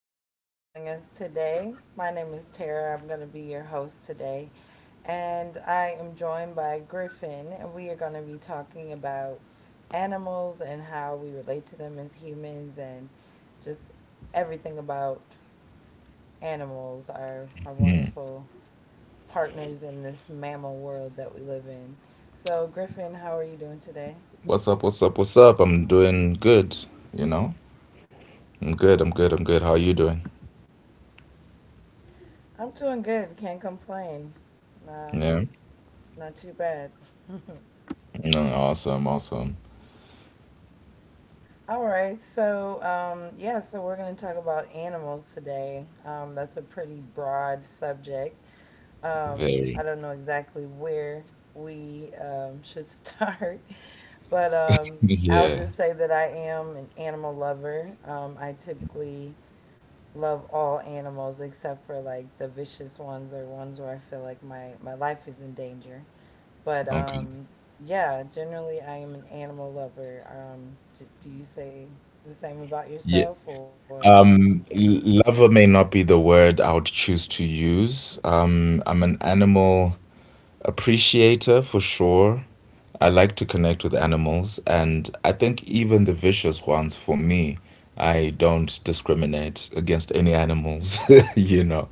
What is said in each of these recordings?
Thank you for joining us today. My name is Tara. I'm going to be your host today. And I am joined by Griffin, and we are going to be talking about animals and how we relate to them as humans and just everything about animals, our wonderful partners in this mammal world that we live in. So, Griffin, how are you doing today? What's up? What's up? What's up? I'm doing good. You know, I'm good. I'm good. I'm good. How are you doing? I'm doing good. Can't complain. Um, Yeah. Not too bad. No, awesome. Awesome. All right, so yeah, so we're going to talk about animals today. That's a pretty broad subject. Very. I don't know exactly where we should start, but um, I'll Yeah. just say that I am an animal lover. I typically love all animals except for like the vicious ones or ones where I feel like my life is in danger. But Okay. Yeah, generally I am an animal lover. Do you say the same about Yeah. yourself or no? Lover may not be the word I would choose to use. I'm an animal appreciator for sure. I like to connect with animals, and I think even the vicious ones for me, I don't discriminate against any animals, you know.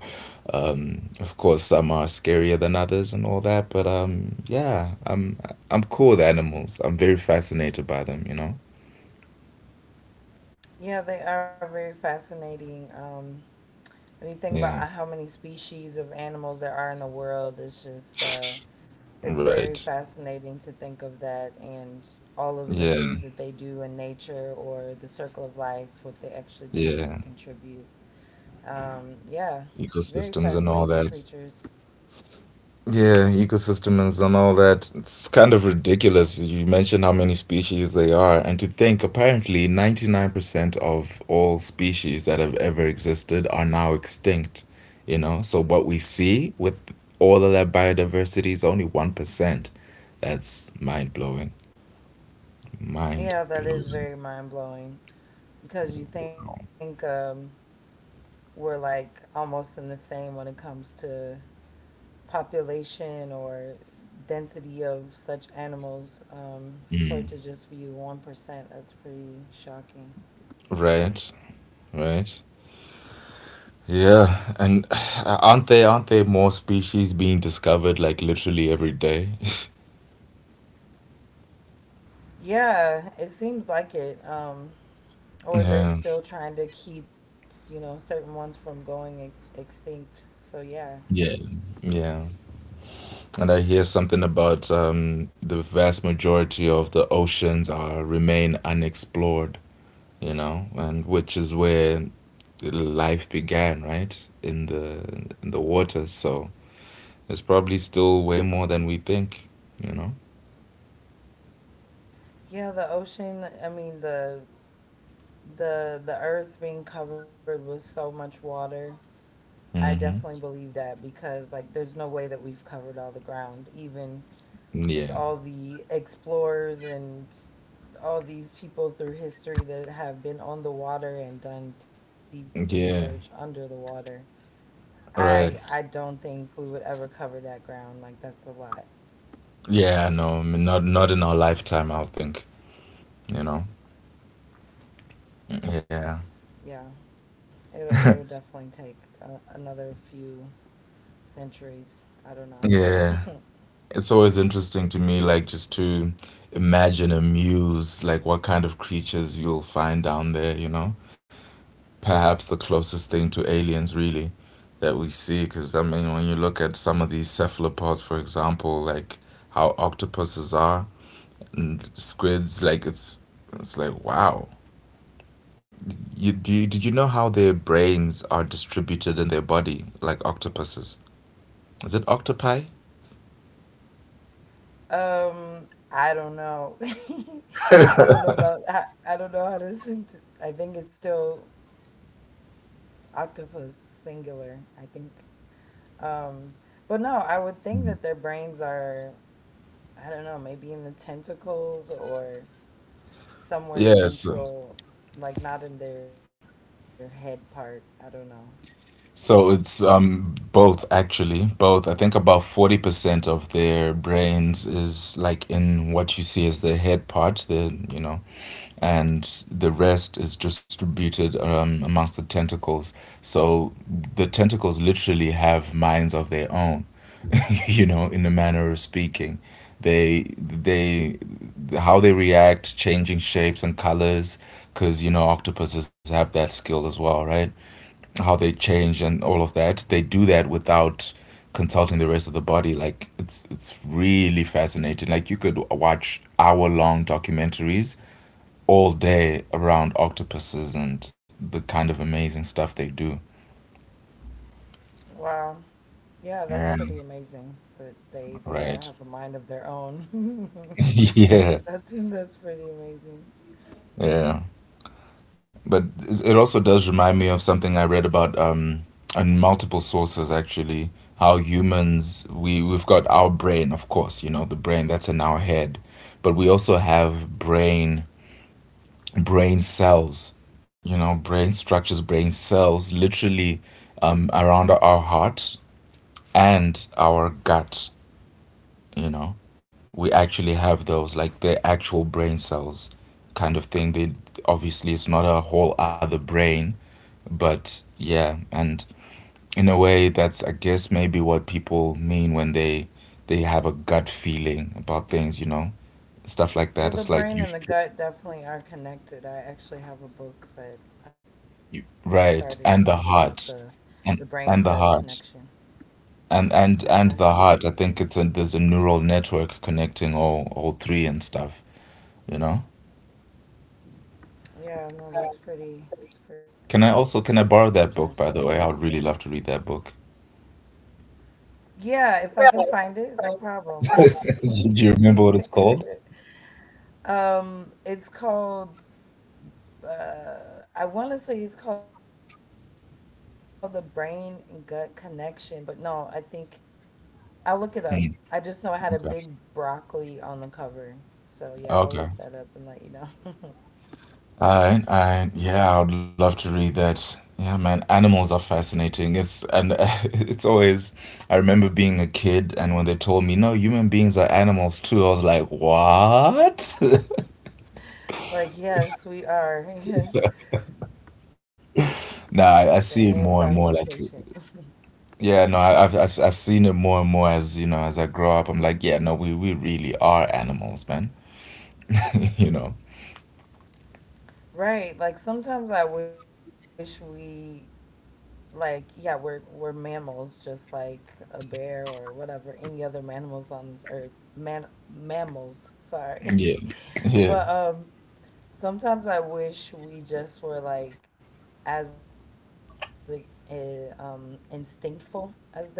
Of course, some are scarier than others and all that, but yeah, I'm cool with animals. I'm very fascinated by them, you know? Yeah, they are very fascinating. When you think about Yeah. how many species of animals there are in the world, it's just it's very Right. fascinating to think of that and all of the Yeah. things that they do in nature or the circle of life, what they actually do to Yeah. contribute. Yeah, very Ecosystems and all fascinating that. creatures. Yeah, ecosystems and all that. It's kind of ridiculous. You mentioned how many species they are, and to think apparently 99% of all species that have ever existed are now extinct, you know? So what we see with all of that biodiversity is only 1%. That's mind blowing. Mind Yeah, that is blowing. very mind blowing. Because you think we're like almost in the same when it comes to population or density of such animals, for it to just be 1%, that's pretty shocking. Right, right. Yeah, and aren't there more species being discovered like literally every day? Yeah, it seems like it. Or they're Yeah. still trying to keep, you know, certain ones from going extinct, so yeah. Yeah. Yeah. And I hear something about the vast majority of the oceans are remain unexplored, you know, and which is where life began, right? In the waters. So it's probably still way more than we think, you know. Yeah, the ocean, I mean, the earth being covered with so much water, I Mm-hmm. definitely believe that because, like, there's no way that we've covered all the ground, even with Yeah. all the explorers and all these people through history that have been on the water and done deep research Yeah. under the water. I Right. I don't think we would ever cover that ground. Like, that's a lot. Yeah, no, I mean, not in our lifetime, I'll think, you know. Yeah. Yeah, it'll definitely take another few centuries. I don't Yeah. know. It's always interesting to me, like just to imagine a muse, like what kind of creatures you'll find down there, you know? Perhaps the closest thing to aliens, really, that we see. Because, I mean, when you look at some of these cephalopods, for example, like how octopuses are and squids, like it's. It's like wow. Did you know how their brains are distributed in their body like octopuses? Is it octopi? I don't know. I don't know about I don't know how to sing t I think it's still octopus singular, I think. Um, but no, I would think that their brains are, I don't know, maybe in the tentacles or somewhere Yes. central, like not in their head part. I don't know. So it's both actually both. I think about 40% of their brains is like in what you see as the head part, the you know, and the rest is distributed amongst the tentacles. So the tentacles literally have minds of their own, you know, in a manner of speaking. They how they react, changing shapes and colors, because you know octopuses have that skill as well, right? How they change and all of that. They do that without consulting the rest of the body. Like it's really fascinating. Like you could watch hour long documentaries all day around octopuses and the kind of amazing stuff they do. Wow. Yeah, that's Yeah. pretty amazing that they Right. all have a mind of their own. yeah. That's pretty amazing. Yeah. But it also does remind me of something I read about on multiple sources actually. How humans we've got our brain, of course, you know the brain that's in our head, but we also have brain cells, you know, brain structures, brain cells, literally around our heart and our gut. You know, we actually have those like they're actual brain cells, kind of thing. They obviously it's not a whole other brain but yeah, and in a way, that's I guess maybe what people mean when they have a gut feeling about things, you know, stuff like Well, that. the It's like brain and the you've put- gut definitely are connected. I actually have a book that I started to you read about right, the and the the heart, brain gut and and the connection. heart, and Okay. the heart. I think it's a, there's a neural network connecting all three and stuff, you know. Yeah, no, that's pretty Can I also interesting. can I borrow that book by the way? I would really love to read that book. Yeah, if I can find it, no problem. Do you remember what it's called? It's called I want to say it's called the brain and gut connection, but no, I think I'll look it up. I just Hmm. know I had a big Okay. broccoli on the cover. So yeah, I'll look Okay. that up and let you know. Yeah, I would love to read that. Yeah, man, animals are fascinating. It's and it's always. I remember being a kid, and when they told me, "No, human beings are animals too," I was like, "What?" Like, yes, we are. nah, Same I see it more and classification. more. Like, yeah, no, I, I've seen it more and more as you know as I grow up. I'm like, yeah, no, we really are animals, man. you know. Right. Like sometimes I wish we, like, yeah, we're mammals just like a bear or whatever, any other mammals on this earth. Man Mammals, sorry. Yeah. Yeah. But sometimes I wish we just were like instinctful as they are. Like,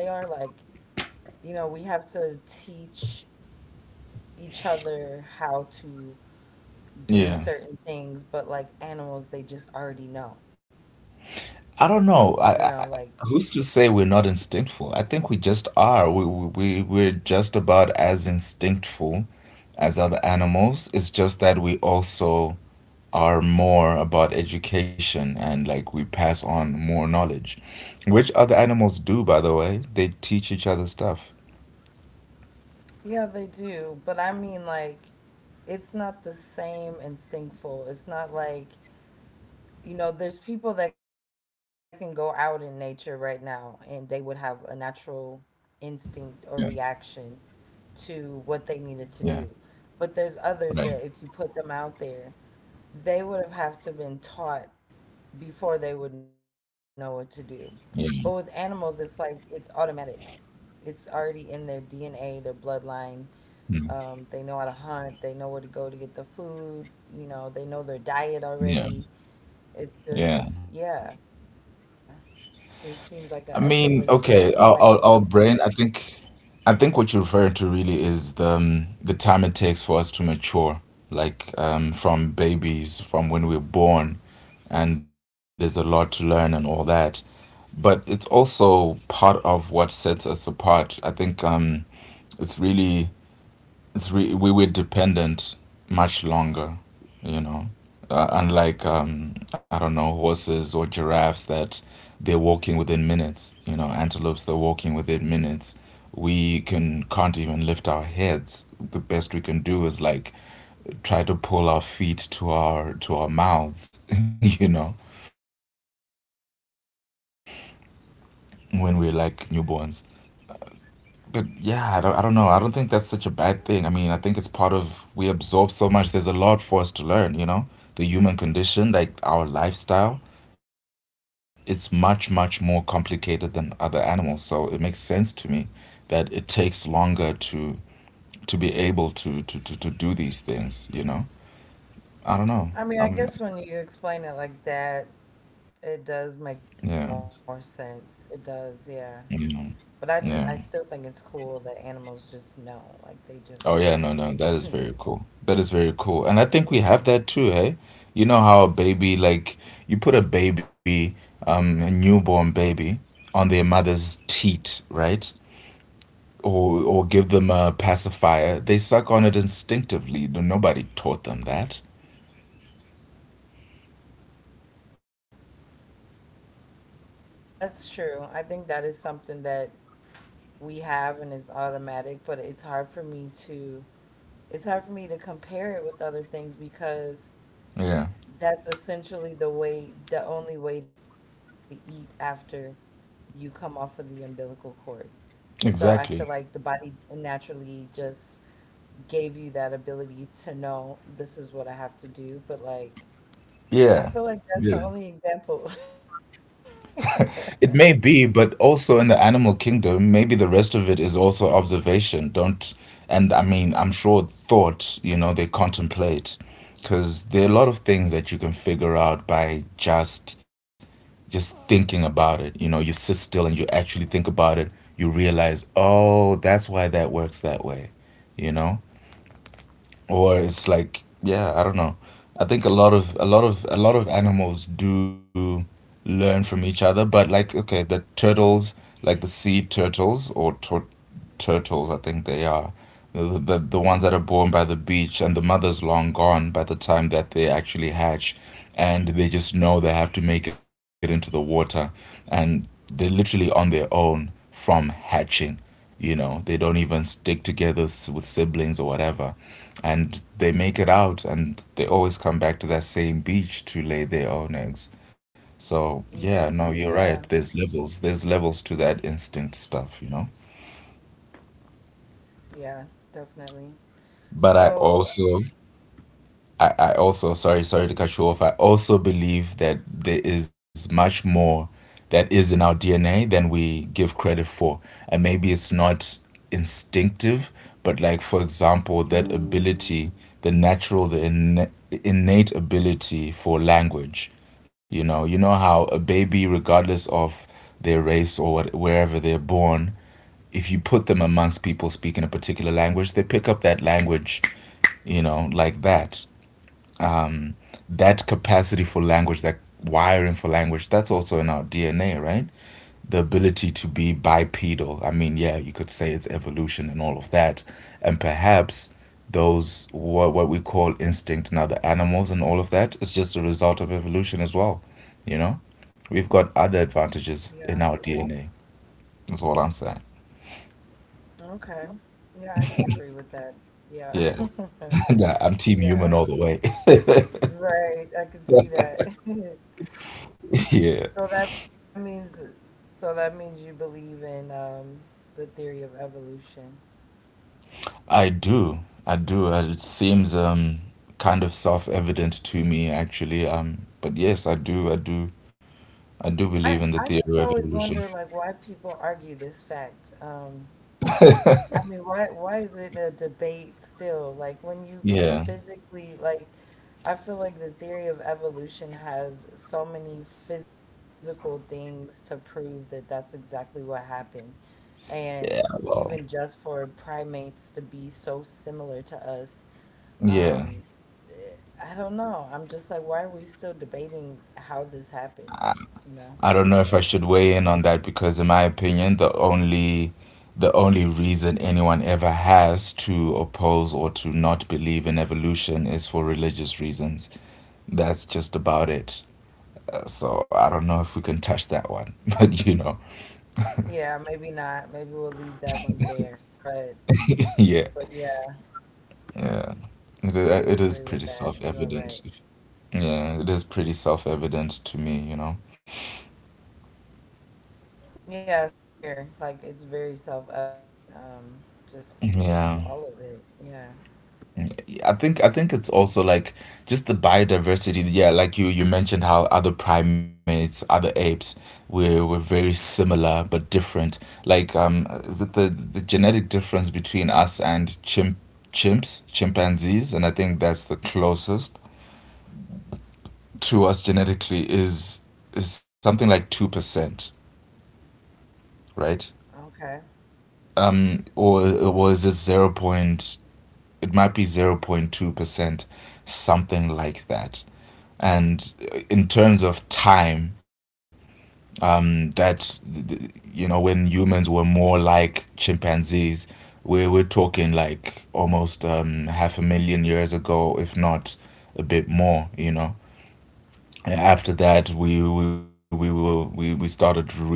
you know, we have to teach each other how to do Yeah. certain things, but like animals, they just already know. You know, like, I don't know. I who's to say we're not instinctful? I think we just are. We're just about as instinctful as other animals. It's just that we also are more about education and like we pass on more knowledge, which other animals do, by the way. They teach each other stuff. yeah, they do, but I mean, like, it's not the same instinctful. It's not like, you know, there's people that can go out in nature right now and they would have a natural Yeah. instinct or reaction to what they Yeah. needed to do. But there's others that Right. if you put them out there, they would have to been taught before they would know what to Yeah. do. But with animals, it's like it's automatic. It's already in their DNA, their bloodline. Hmm. They know how to hunt. They know where to go to get the food. You know, they know their diet Yeah. already. It's just, Yeah. yeah, it just seems like an effortless I mean, life. okay, our brain, I think what you're referring to really is the time it takes for us to mature, like from babies, from when we're born, and there's a lot to learn and all that. But it's also part of what sets us apart. I think it's really it's re- we were dependent much longer, you know. Unlike I don't know horses or giraffes that they're walking within minutes, you know, antelopes they're walking within minutes. We can can't even lift our heads. The best we can do is like try to pull our feet to our mouths, you know, when we're like newborns. But yeah, I don't know. I don't think that's such a bad thing. I mean, I think it's part of we absorb so much. There's a lot for us to learn, you know? The human condition, like our lifestyle, it's much, much more complicated than other animals. So it makes sense to me that it takes longer to be able to to do these things, you know? I don't know. I mean, Um I guess when you explain it like that, it yeah. does make more sense. It does, yeah. Yeah. But I just, I Yeah. still think it's cool that animals just know, like they just know. Oh yeah, no, no, that is very cool. That is very cool. And Yeah, I think we have that too, hey? You know how a baby, like you put a baby, a newborn baby on their mother's teat, right? Or give them a pacifier. They suck on it instinctively. No- Nobody taught them that. yeah, no, that's true. I think that is something that we have and it's automatic, but it's hard for me to, it's hard for me to compare it with other things because Yeah. that's essentially the way, the only way to eat after you come off of the umbilical cord. So I feel like the Exactly. body naturally just gave you that ability to know this is what I have to do. But like, I Yeah. feel like that's Yeah. the only example. It may be, but also in the animal kingdom, maybe the rest of it is also observation. Don't, and I mean, I'm sure thought, you know, they contemplate because there are a lot of things that you can figure out by just thinking about it. You know, you sit still and you actually think about it, you realize, "Oh, that's why that works that way." You know? Or it's like yeah I don't know I think a lot of a lot of a lot of animals do learn from each other but like okay the turtles like the sea turtles or tur- turtles I think they are the ones that are born by the beach and the mother's long gone by the time that they actually hatch and they just know they have to make it into the water and they're literally on their own from hatching you know they don't even stick together s- with siblings or whatever and they make it out and they always come back to that same beach to lay their own eggs. So, Yeah, yeah, no, you're right. There's levels. There's levels to that instinct stuff, you know? yeah, definitely. So, But I also sorry sorry to cut you off. I also believe that there is much more that is in our DNA than we give credit for, and maybe it's not instinctive, but like for example, that ability, the natural, the inna- innate ability for language. You know how a baby, regardless of their race or what, wherever they're born, if you put them amongst people speaking a particular language, they pick up that language, you know, like that um, that capacity for language, that wiring for language, that's also in our DNA, right? The ability to be bipedal. I mean, yeah, you could say it's evolution and all of that. And perhaps those what we call instinct in other animals and all of that is just a result of evolution as well. You know? We've got other yeah, advantages in our DNA. That's all I'm saying. okay. Yeah, I can agree with that. Yeah. Yeah. Nah, I'm team Yeah, human all the way. right. I can see that. yeah. So that means so that means you believe in the theory of evolution. I do. I do. It seems kind of self-evident to me actually. But yes, I do. I do. I do believe I in the I theory just of always evolution. wonder, like, why people argue this fact. I mean, why is it a debate still? Like when you can Yeah. physically, like, I feel like the theory of evolution has so many physical things to prove that that's exactly what happened. And Yeah, even well, just for primates to be so similar to us, yeah. um, eh, I don't know. I'm just like, why are we still debating how this happened? You know? I don't know if I should weigh in on that because in my opinion, the only reason anyone ever has to oppose or to not believe in evolution is for religious reasons. That's just about it. So I don't know if we can touch that one, but you know, Yeah, maybe not. Maybe we'll leave that one there. Yeah. But yeah, Yeah, it I is do pretty agree with that. You are self-evident. right. Yeah, it is pretty self-evident to me, you know. Yeah, same here. Like it's very self-evident. Just, Yeah. just all of it. Yeah. I think it's also like just the biodiversity. Yeah, like you mentioned how other primates, other apes, we're very similar but different. Like is it the genetic difference between us and chimpanzees? And I think that's the closest to us genetically is something like 2%, right? Okay. Or it was it zero point? It might be zero point 0.2%, something like that. And in terms of time, that you know, when humans were more like chimpanzees, we're talking like almost half a million years ago, if not a bit more. You know, and after that, we were, we started really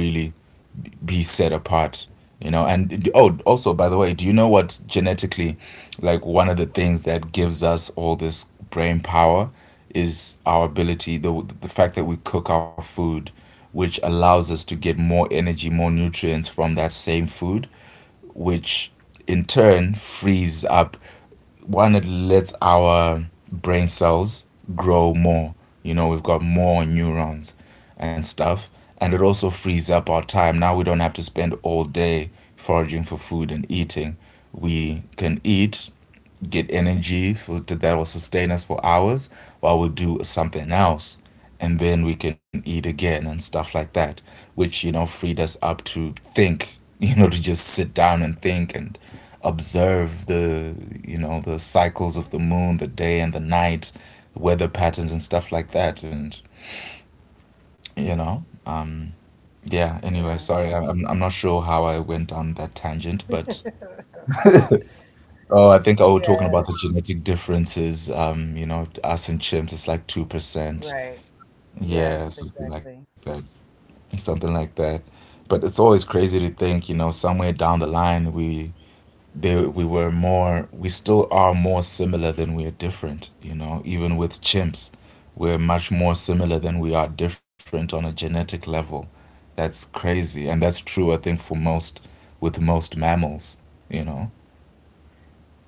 be set apart, you know. And oh, also by the way, do you know what genetically, like, one of the things that gives us all this brain power is our ability, the fact that we cook our food, which allows us to get more energy, more nutrients from that same food, which in turn frees up, one, it lets our brain cells grow more. You know, we've got more neurons and stuff, and it also frees up our time. Now we don't have to spend all day foraging for food and eating. We can eat, get energy for that will sustain us for hours while we do something else, and then we can eat again and stuff like that, which, you know, freed us up to think, you know, to just sit down and think and observe the, you know, the cycles of the moon, the day and the night, weather patterns and stuff like that, and, you know, yeah. Anyway, Yeah. sorry, I'm not sure how I went on that tangent, but oh, I think, oh, talking Yeah. about the genetic differences, you know, us and chimps, it's like 2%. Right. Yeah, Yes, something like that. exactly. Something like that. But it's always crazy to think, you know, somewhere down the line, we were more, we still are more similar than we are different, you know, even with chimps. We're much more similar than we are different on a genetic level. That's crazy. And that's true, I think, for most, with most mammals, you know,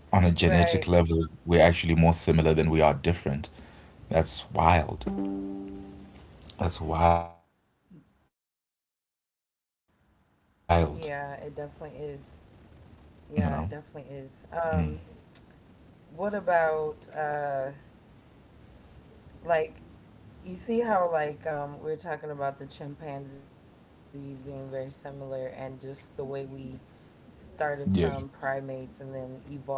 on a genetic Right. level, we're actually more similar than we are different. That's wild. That's wild. Yeah, it definitely You is. know? Yeah, it definitely is. What about like you see how like we are talking about the chimpanzees being very similar and just the way we started from Yeah. primates and then evolved.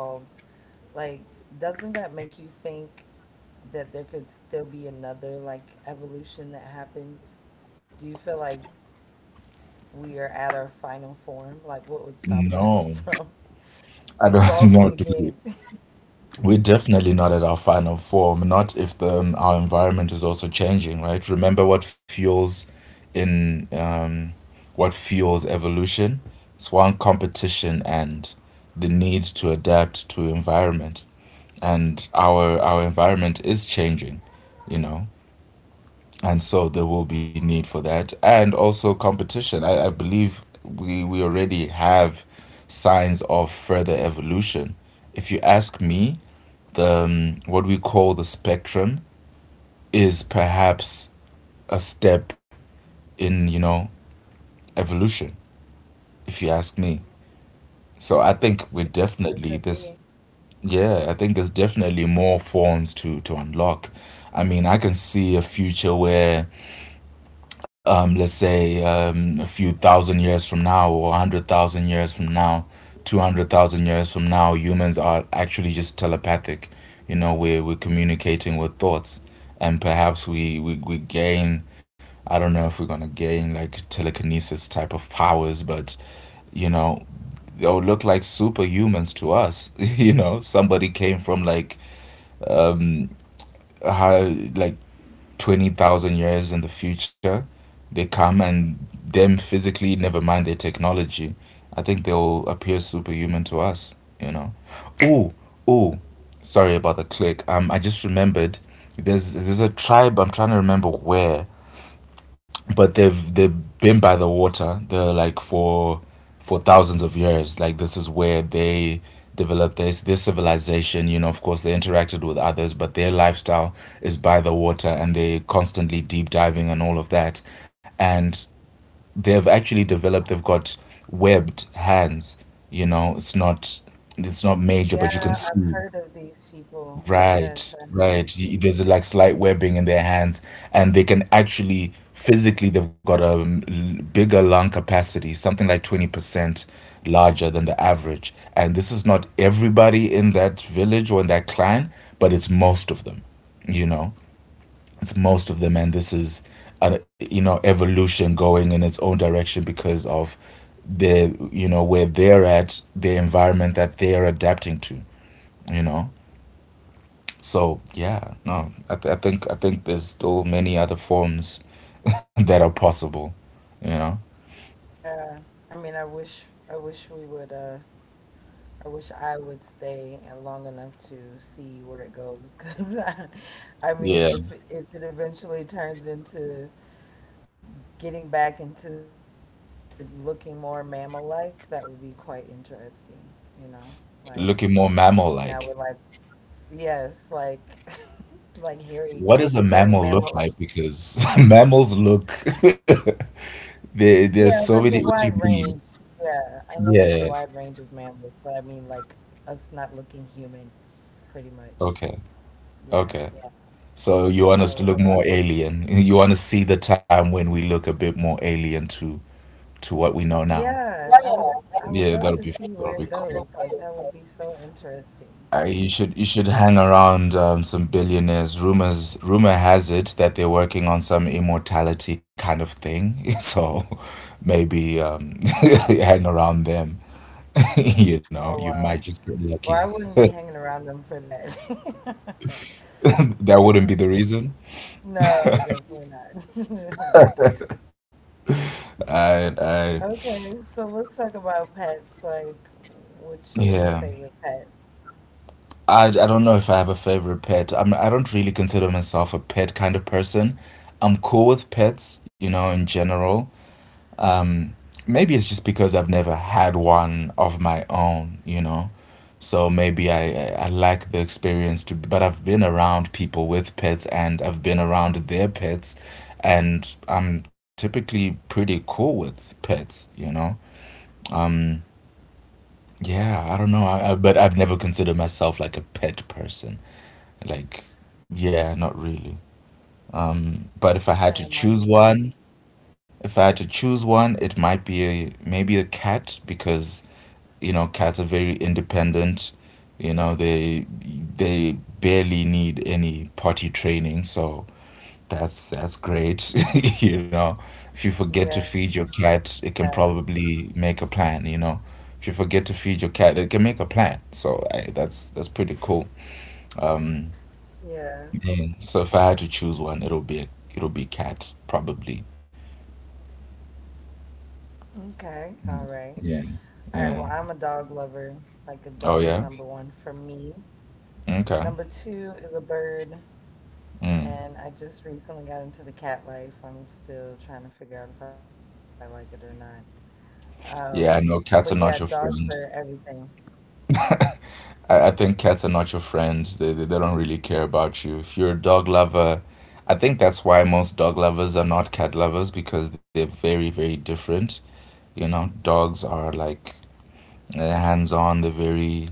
Like, doesn't that make you think that there could still be another like evolution that happens? Do you feel like we are at our final form? Like, what would stop us from No, evolving I again? don't know, dude. We're definitely not at our final form. Not if the our environment is also changing, right? Remember what fuels, in what fuels evolution? It's one, competition, and the need to adapt to environment. And our environment is changing, you know. And so there will be need for that. And also competition. I believe we already have signs of further evolution. If you ask me, the what we call the spectrum is perhaps a step in, you know, evolution, if you ask me. So I think we're Yeah, it definitely could this, be. yeah, I think there's definitely more forms to unlock. I mean, I can see a future where let's say a few thousand years from now, or 100,000 years from now, 200,000 years from now, humans are actually just telepathic. You know, we're communicating with thoughts, and perhaps we gain, I don't know if we're going to gain like telekinesis type of powers, but, you know, they'll look like superhumans to us. You know, somebody came from like, high, like, 20,000 years in the future, they come and them physically, never mind their technology, I think they'll appear superhuman to us, you know. Oh, oh, sorry about the click. I just remembered there's a tribe, I'm trying to remember where, but they've been by the water. They're like for thousands of years. Like, this is where they developed this their civilization. You know, of course, they interacted with others, but their lifestyle is by the water, and they constantly deep diving and all of that. And they've actually developed. They've got webbed hands. You know, it's not, it's not major, Yeah, but you can I've see, heard of these people. Yes, right, I right. have. There's like slight webbing in their hands, and they can actually physically they've got a bigger lung capacity, something like 20% larger than the average. And this is not everybody in that village or in that clan, but it's most of them, you know. It's most of them, and this is a, you know, evolution going in its own direction because of the, you know, where they're at, the environment that they're adapting to, you know. So yeah, no, I think there's still many other forms that are possible, you know? Yeah. I mean, I wish we would I wish I would stay long enough to see where it goes 'cause I mean, Yeah, if it eventually turns into getting back into looking more mammal like, that would be quite interesting, you know? Like looking more now we're like mammal-like. yes, like like What does a hairy mammal mammal. look like? Because mammals look Yeah, there. there's a There's wide so many. What range. do you mean? Yeah, I know there's a wide range Yeah. of mammals, but I mean like us not looking human pretty much. Okay. Yeah. Okay. So you So want that us to would look more alien? You want to see the time when we look a bit more alien to what Yeah, we know now? I would love to see Yeah, where it that'll be, goes. that'll Like be that would cool. be so interesting. You should hang around some billionaires. Rumor has it that they're working on some immortality kind of thing. So maybe hang around them. You know, Oh you might wow. just get lucky. Well, I wouldn't be hanging around them for that. That Yeah. wouldn't be the reason. No, definitely not. I Okay, so let's talk about pets. Like, what's your yeah. favorite pet? I don't know if I have a favorite pet. I don't really consider myself a pet kind of person. I'm cool with pets, you know, in general. Maybe it's just because I've never had one of my own, you know? So maybe I lack the experience to, but I've been around people with pets and I've been around their pets, and I'm typically pretty cool with pets, you know? Yeah, I don't know. But I've never considered myself like a pet person. Like, yeah, not really. But if I had to Shame on choose you. one, if I had to choose one, it might be a, maybe a cat, because you know cats are very independent. You know, they barely need any potty training, so that's great. You know, if you forget to feed Yeah, your cat, it can probably make a plan. You know, if you forget to feed your cat it can make a plan, so that's pretty cool. yeah. Yeah. So if I had to choose one, it'll be cat probably. Okay, all right. All right, Yeah. well, I'm a dog Yeah. lover. Like, a dog is number Oh one yeah. for me. Number Okay. two is a bird, and I just recently got into the cat life. I'm still trying to figure out if I like it or not. Um, but Yeah, I yeah, know cats are dogs not your are friend. everything. I think cats are not your friends. They don't really care about you. If you're a dog lover, I think that's why most dog lovers are not cat lovers, because they're very different. You know, dogs are like hands on. They're very,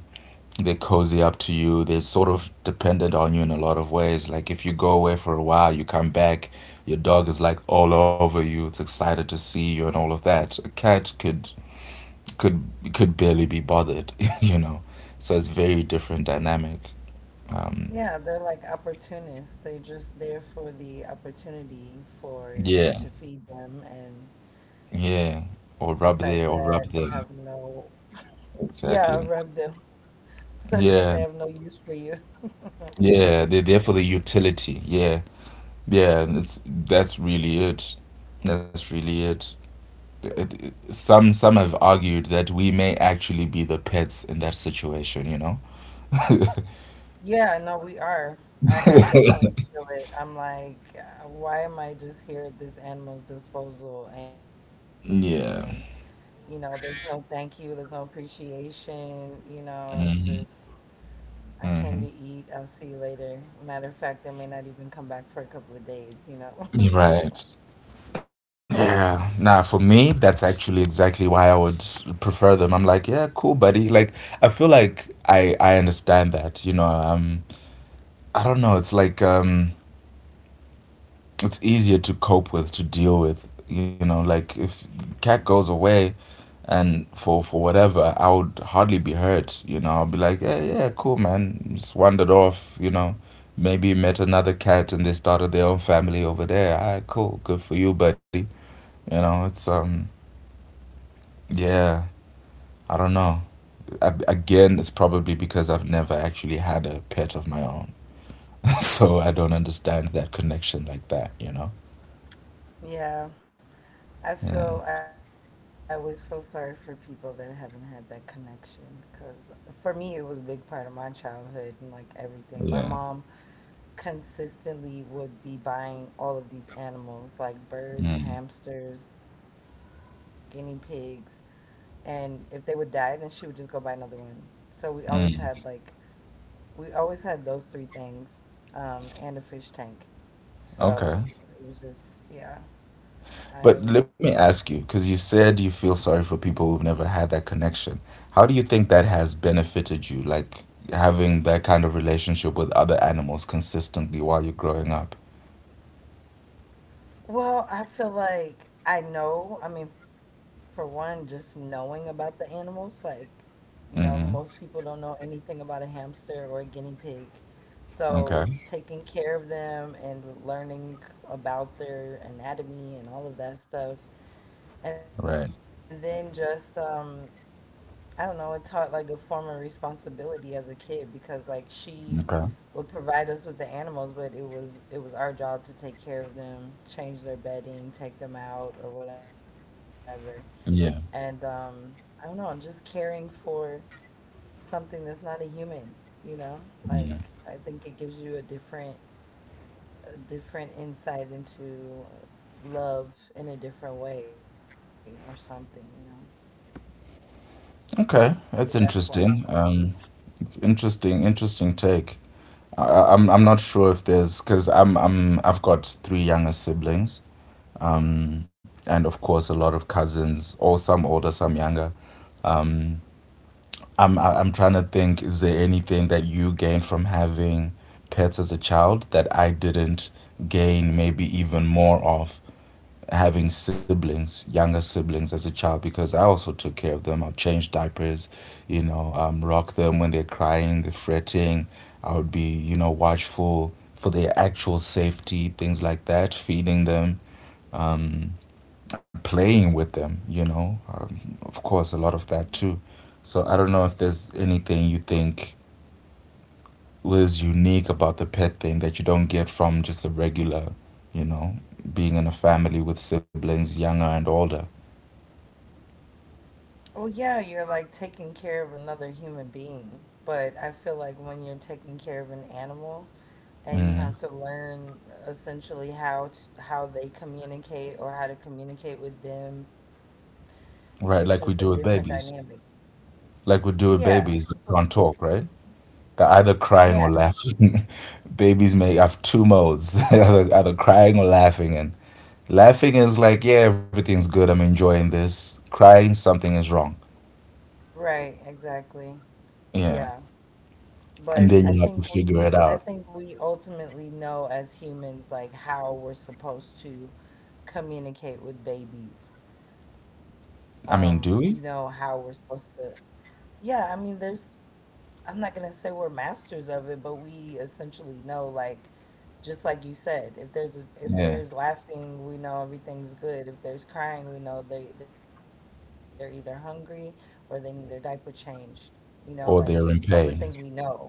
they're cozy up to you. They're sort of dependent on you in a lot of ways. Like if you go away for a while, you come back, your dog is like all over you. It's excited to see you and all of that. A cat could could barely be bothered, you know. So it's very different dynamic. Um, Yeah, they're like opportunists. They're just there for the opportunity for you yeah, to feed them. And yeah. besides Or that, rub they have there, or rub no, them. yeah, Exactly. rub them. Besides that, they Yeah, have no use for you. yeah. They're there for the utility. Yeah, yeah. and It's, that's really it. That's really it. Some have argued that we may actually be the pets in that situation. You know. Yeah, no, we are. I definitely feel it. I'm like, why am I just here at this animal's disposal? And, you know, Yeah. there's no thank you, there's no appreciation, you know, it's just. I came to eat. I'll Hmm. see you later. Matter of fact, I may not even come back for a couple of days, you know? Right. Yeah, nah, for me, that's actually exactly why I would prefer them. I'm like, yeah, cool, buddy. Like, I feel like I understand that, you know, I don't know, it's like it's easier to cope with, to deal with, you know, like if cat goes away and for whatever, I would hardly be hurt, you know. I'll be like, yeah, yeah, cool, man. Just wandered off, you know. Maybe met another cat and they started their own family over there. All right, cool. Good for you, buddy. You know, it's yeah, I don't know. Again, it's probably because I've never actually had a pet of my own. So I don't understand that connection like that, you know? Yeah. Yeah. I always feel sorry for people that haven't had that connection. Because for me, it was a big part of my childhood and like everything. My mom Yeah. consistently would be buying all of these animals, like birds, Mm, hamsters, guinea pigs. And if they would die, then she would just go buy another one. So we always had like mm. we always had those three things, and a fish tank. So Okay. it was just, yeah. But I, let me ask you, because you said you feel sorry for people who've never had that connection. How do you think that has benefited you, like having that kind of relationship with other animals consistently while you're growing up? well, I feel like I know, I mean, for one, just knowing about the animals, like, you know, most people Mm-hmm. don't know anything about a hamster or a guinea pig. So Okay. taking care of them and learning about their anatomy and all of that stuff. And Right. then just, I don't know, it taught like a form of responsibility as a kid because like she Okay. would provide us with the animals, but it was our job to take care of them, change their bedding, take them out or whatever. And Yeah. I don't know, just caring for something that's not a human, you know? Like Yeah. I think it gives you a different, a different insight into love in a different way or something, you know. Okay, So that's that's why. interesting. It's interesting, interesting take. I'm not sure if there's, because I've got 3 younger siblings. And of course a lot of cousins, or some older, some younger. Um, I'm trying to think. Is there anything that you gained from having pets as a child that I didn't gain, maybe even more of, having siblings, younger siblings as a child? Because I also took care of them. I'll change diapers, you know, rock them when they're crying, they're fretting. I would be, you know, watchful for their actual safety, things like that, feeding them, playing with them, you know. Of course, a lot of that too. So I don't know if there's anything you think was unique about the pet thing that you don't get from just a regular, you know, being in a family with siblings, younger and older. Well, yeah, you're like taking care of another human being, but I feel like when you're taking care of an animal and you Hmm. have to learn essentially how to, how they communicate or how to communicate with them, it's just a Right, different like we do with dynamic. babies. Like we Yeah, do with but babies that can't talk, right? They're either yeah, crying or laughing. Babies may have two modes. They're either crying or laughing. And laughing is like, yeah, everything's good. I'm enjoying this. Crying, something is wrong. right, exactly. Yeah. Yeah. And But then you have to figure it I out. think we ultimately know as humans like how we're supposed to communicate with babies. We I know mean, do how we're we? supposed to Yeah, I mean, there's, I'm not going to say we're masters of it, but we essentially know, like, just like you said, if there's a, if Yeah. there's laughing, we know everything's good. If there's crying, we know they they're either hungry or they need their diaper changed. You know, like th those are Or things they're in we pain. know,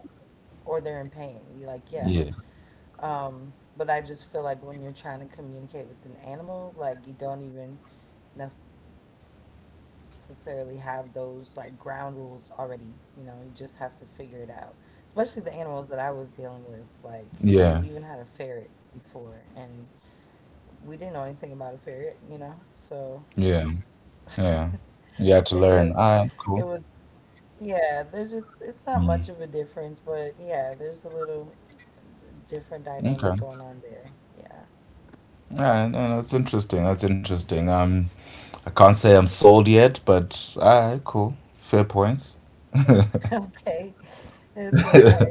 or they're in pain. You like, yeah. Yeah. But I just feel like when you're trying to communicate with an animal, like you don't even necessarily have those like ground rules already. You know, you just have to figure it out. Especially the animals that I was dealing with. Like, I mean, we even had a Yeah. ferret before, and we didn't know anything about a ferret, you know? So Yeah. Yeah. it's just, You had to learn. it was, All right, cool. yeah, there's just, it's not much of a Mm. difference, but yeah, there's a little different dynamic Okay. All going on there. Yeah. right. No, that's interesting. That's interesting. I can't say I'm sold yet, but alright, cool. Fair points. Okay. It's okay.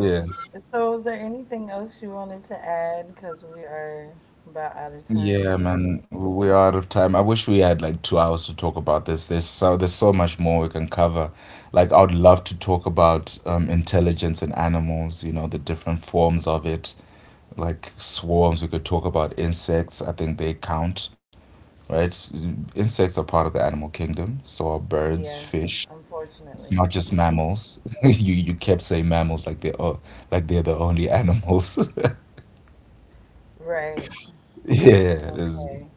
Yeah. so is there anything else you wanted to add? Because we are about out of time Yeah, here. man. We are out of time. I wish we had like 2 hours to talk about this. There's so, there's so much more we can cover. Like I would love to talk about intelligence in animals, you know, the different forms of it. Like swarms, we could talk about insects. I think they count, right? Yeah, Insects are part of the definitely. animal kingdom. So are birds, Yes, fish. It's unfortunately. not just mammals. You kept saying mammals like they're like they're the only animals. Right. Yeah, there's Okay.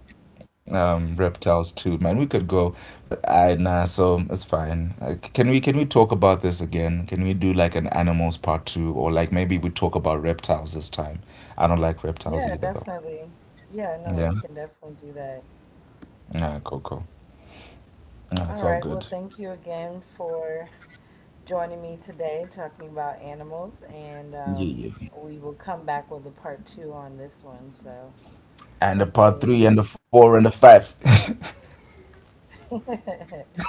reptiles too. Man, we could go, but I, nah. So it's fine. Can we, can we talk about this again? Can we do like an animals part two, or like maybe we talk about reptiles this time? I don't like reptiles Yeah, either though. definitely. Yeah, no, we Yeah. can definitely do that. Nah, cool, cool. Nah, All it's all right. Well, good. thank you again for joining me today talking about animals, and Yeah, yeah. we will come back with a part two on this one. So And thanks a for part three, listening. and a four, and a five. All right.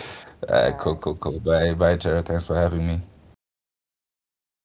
Bye. All right, cool, cool, cool. Bye, bye, Tara. Thanks for having me.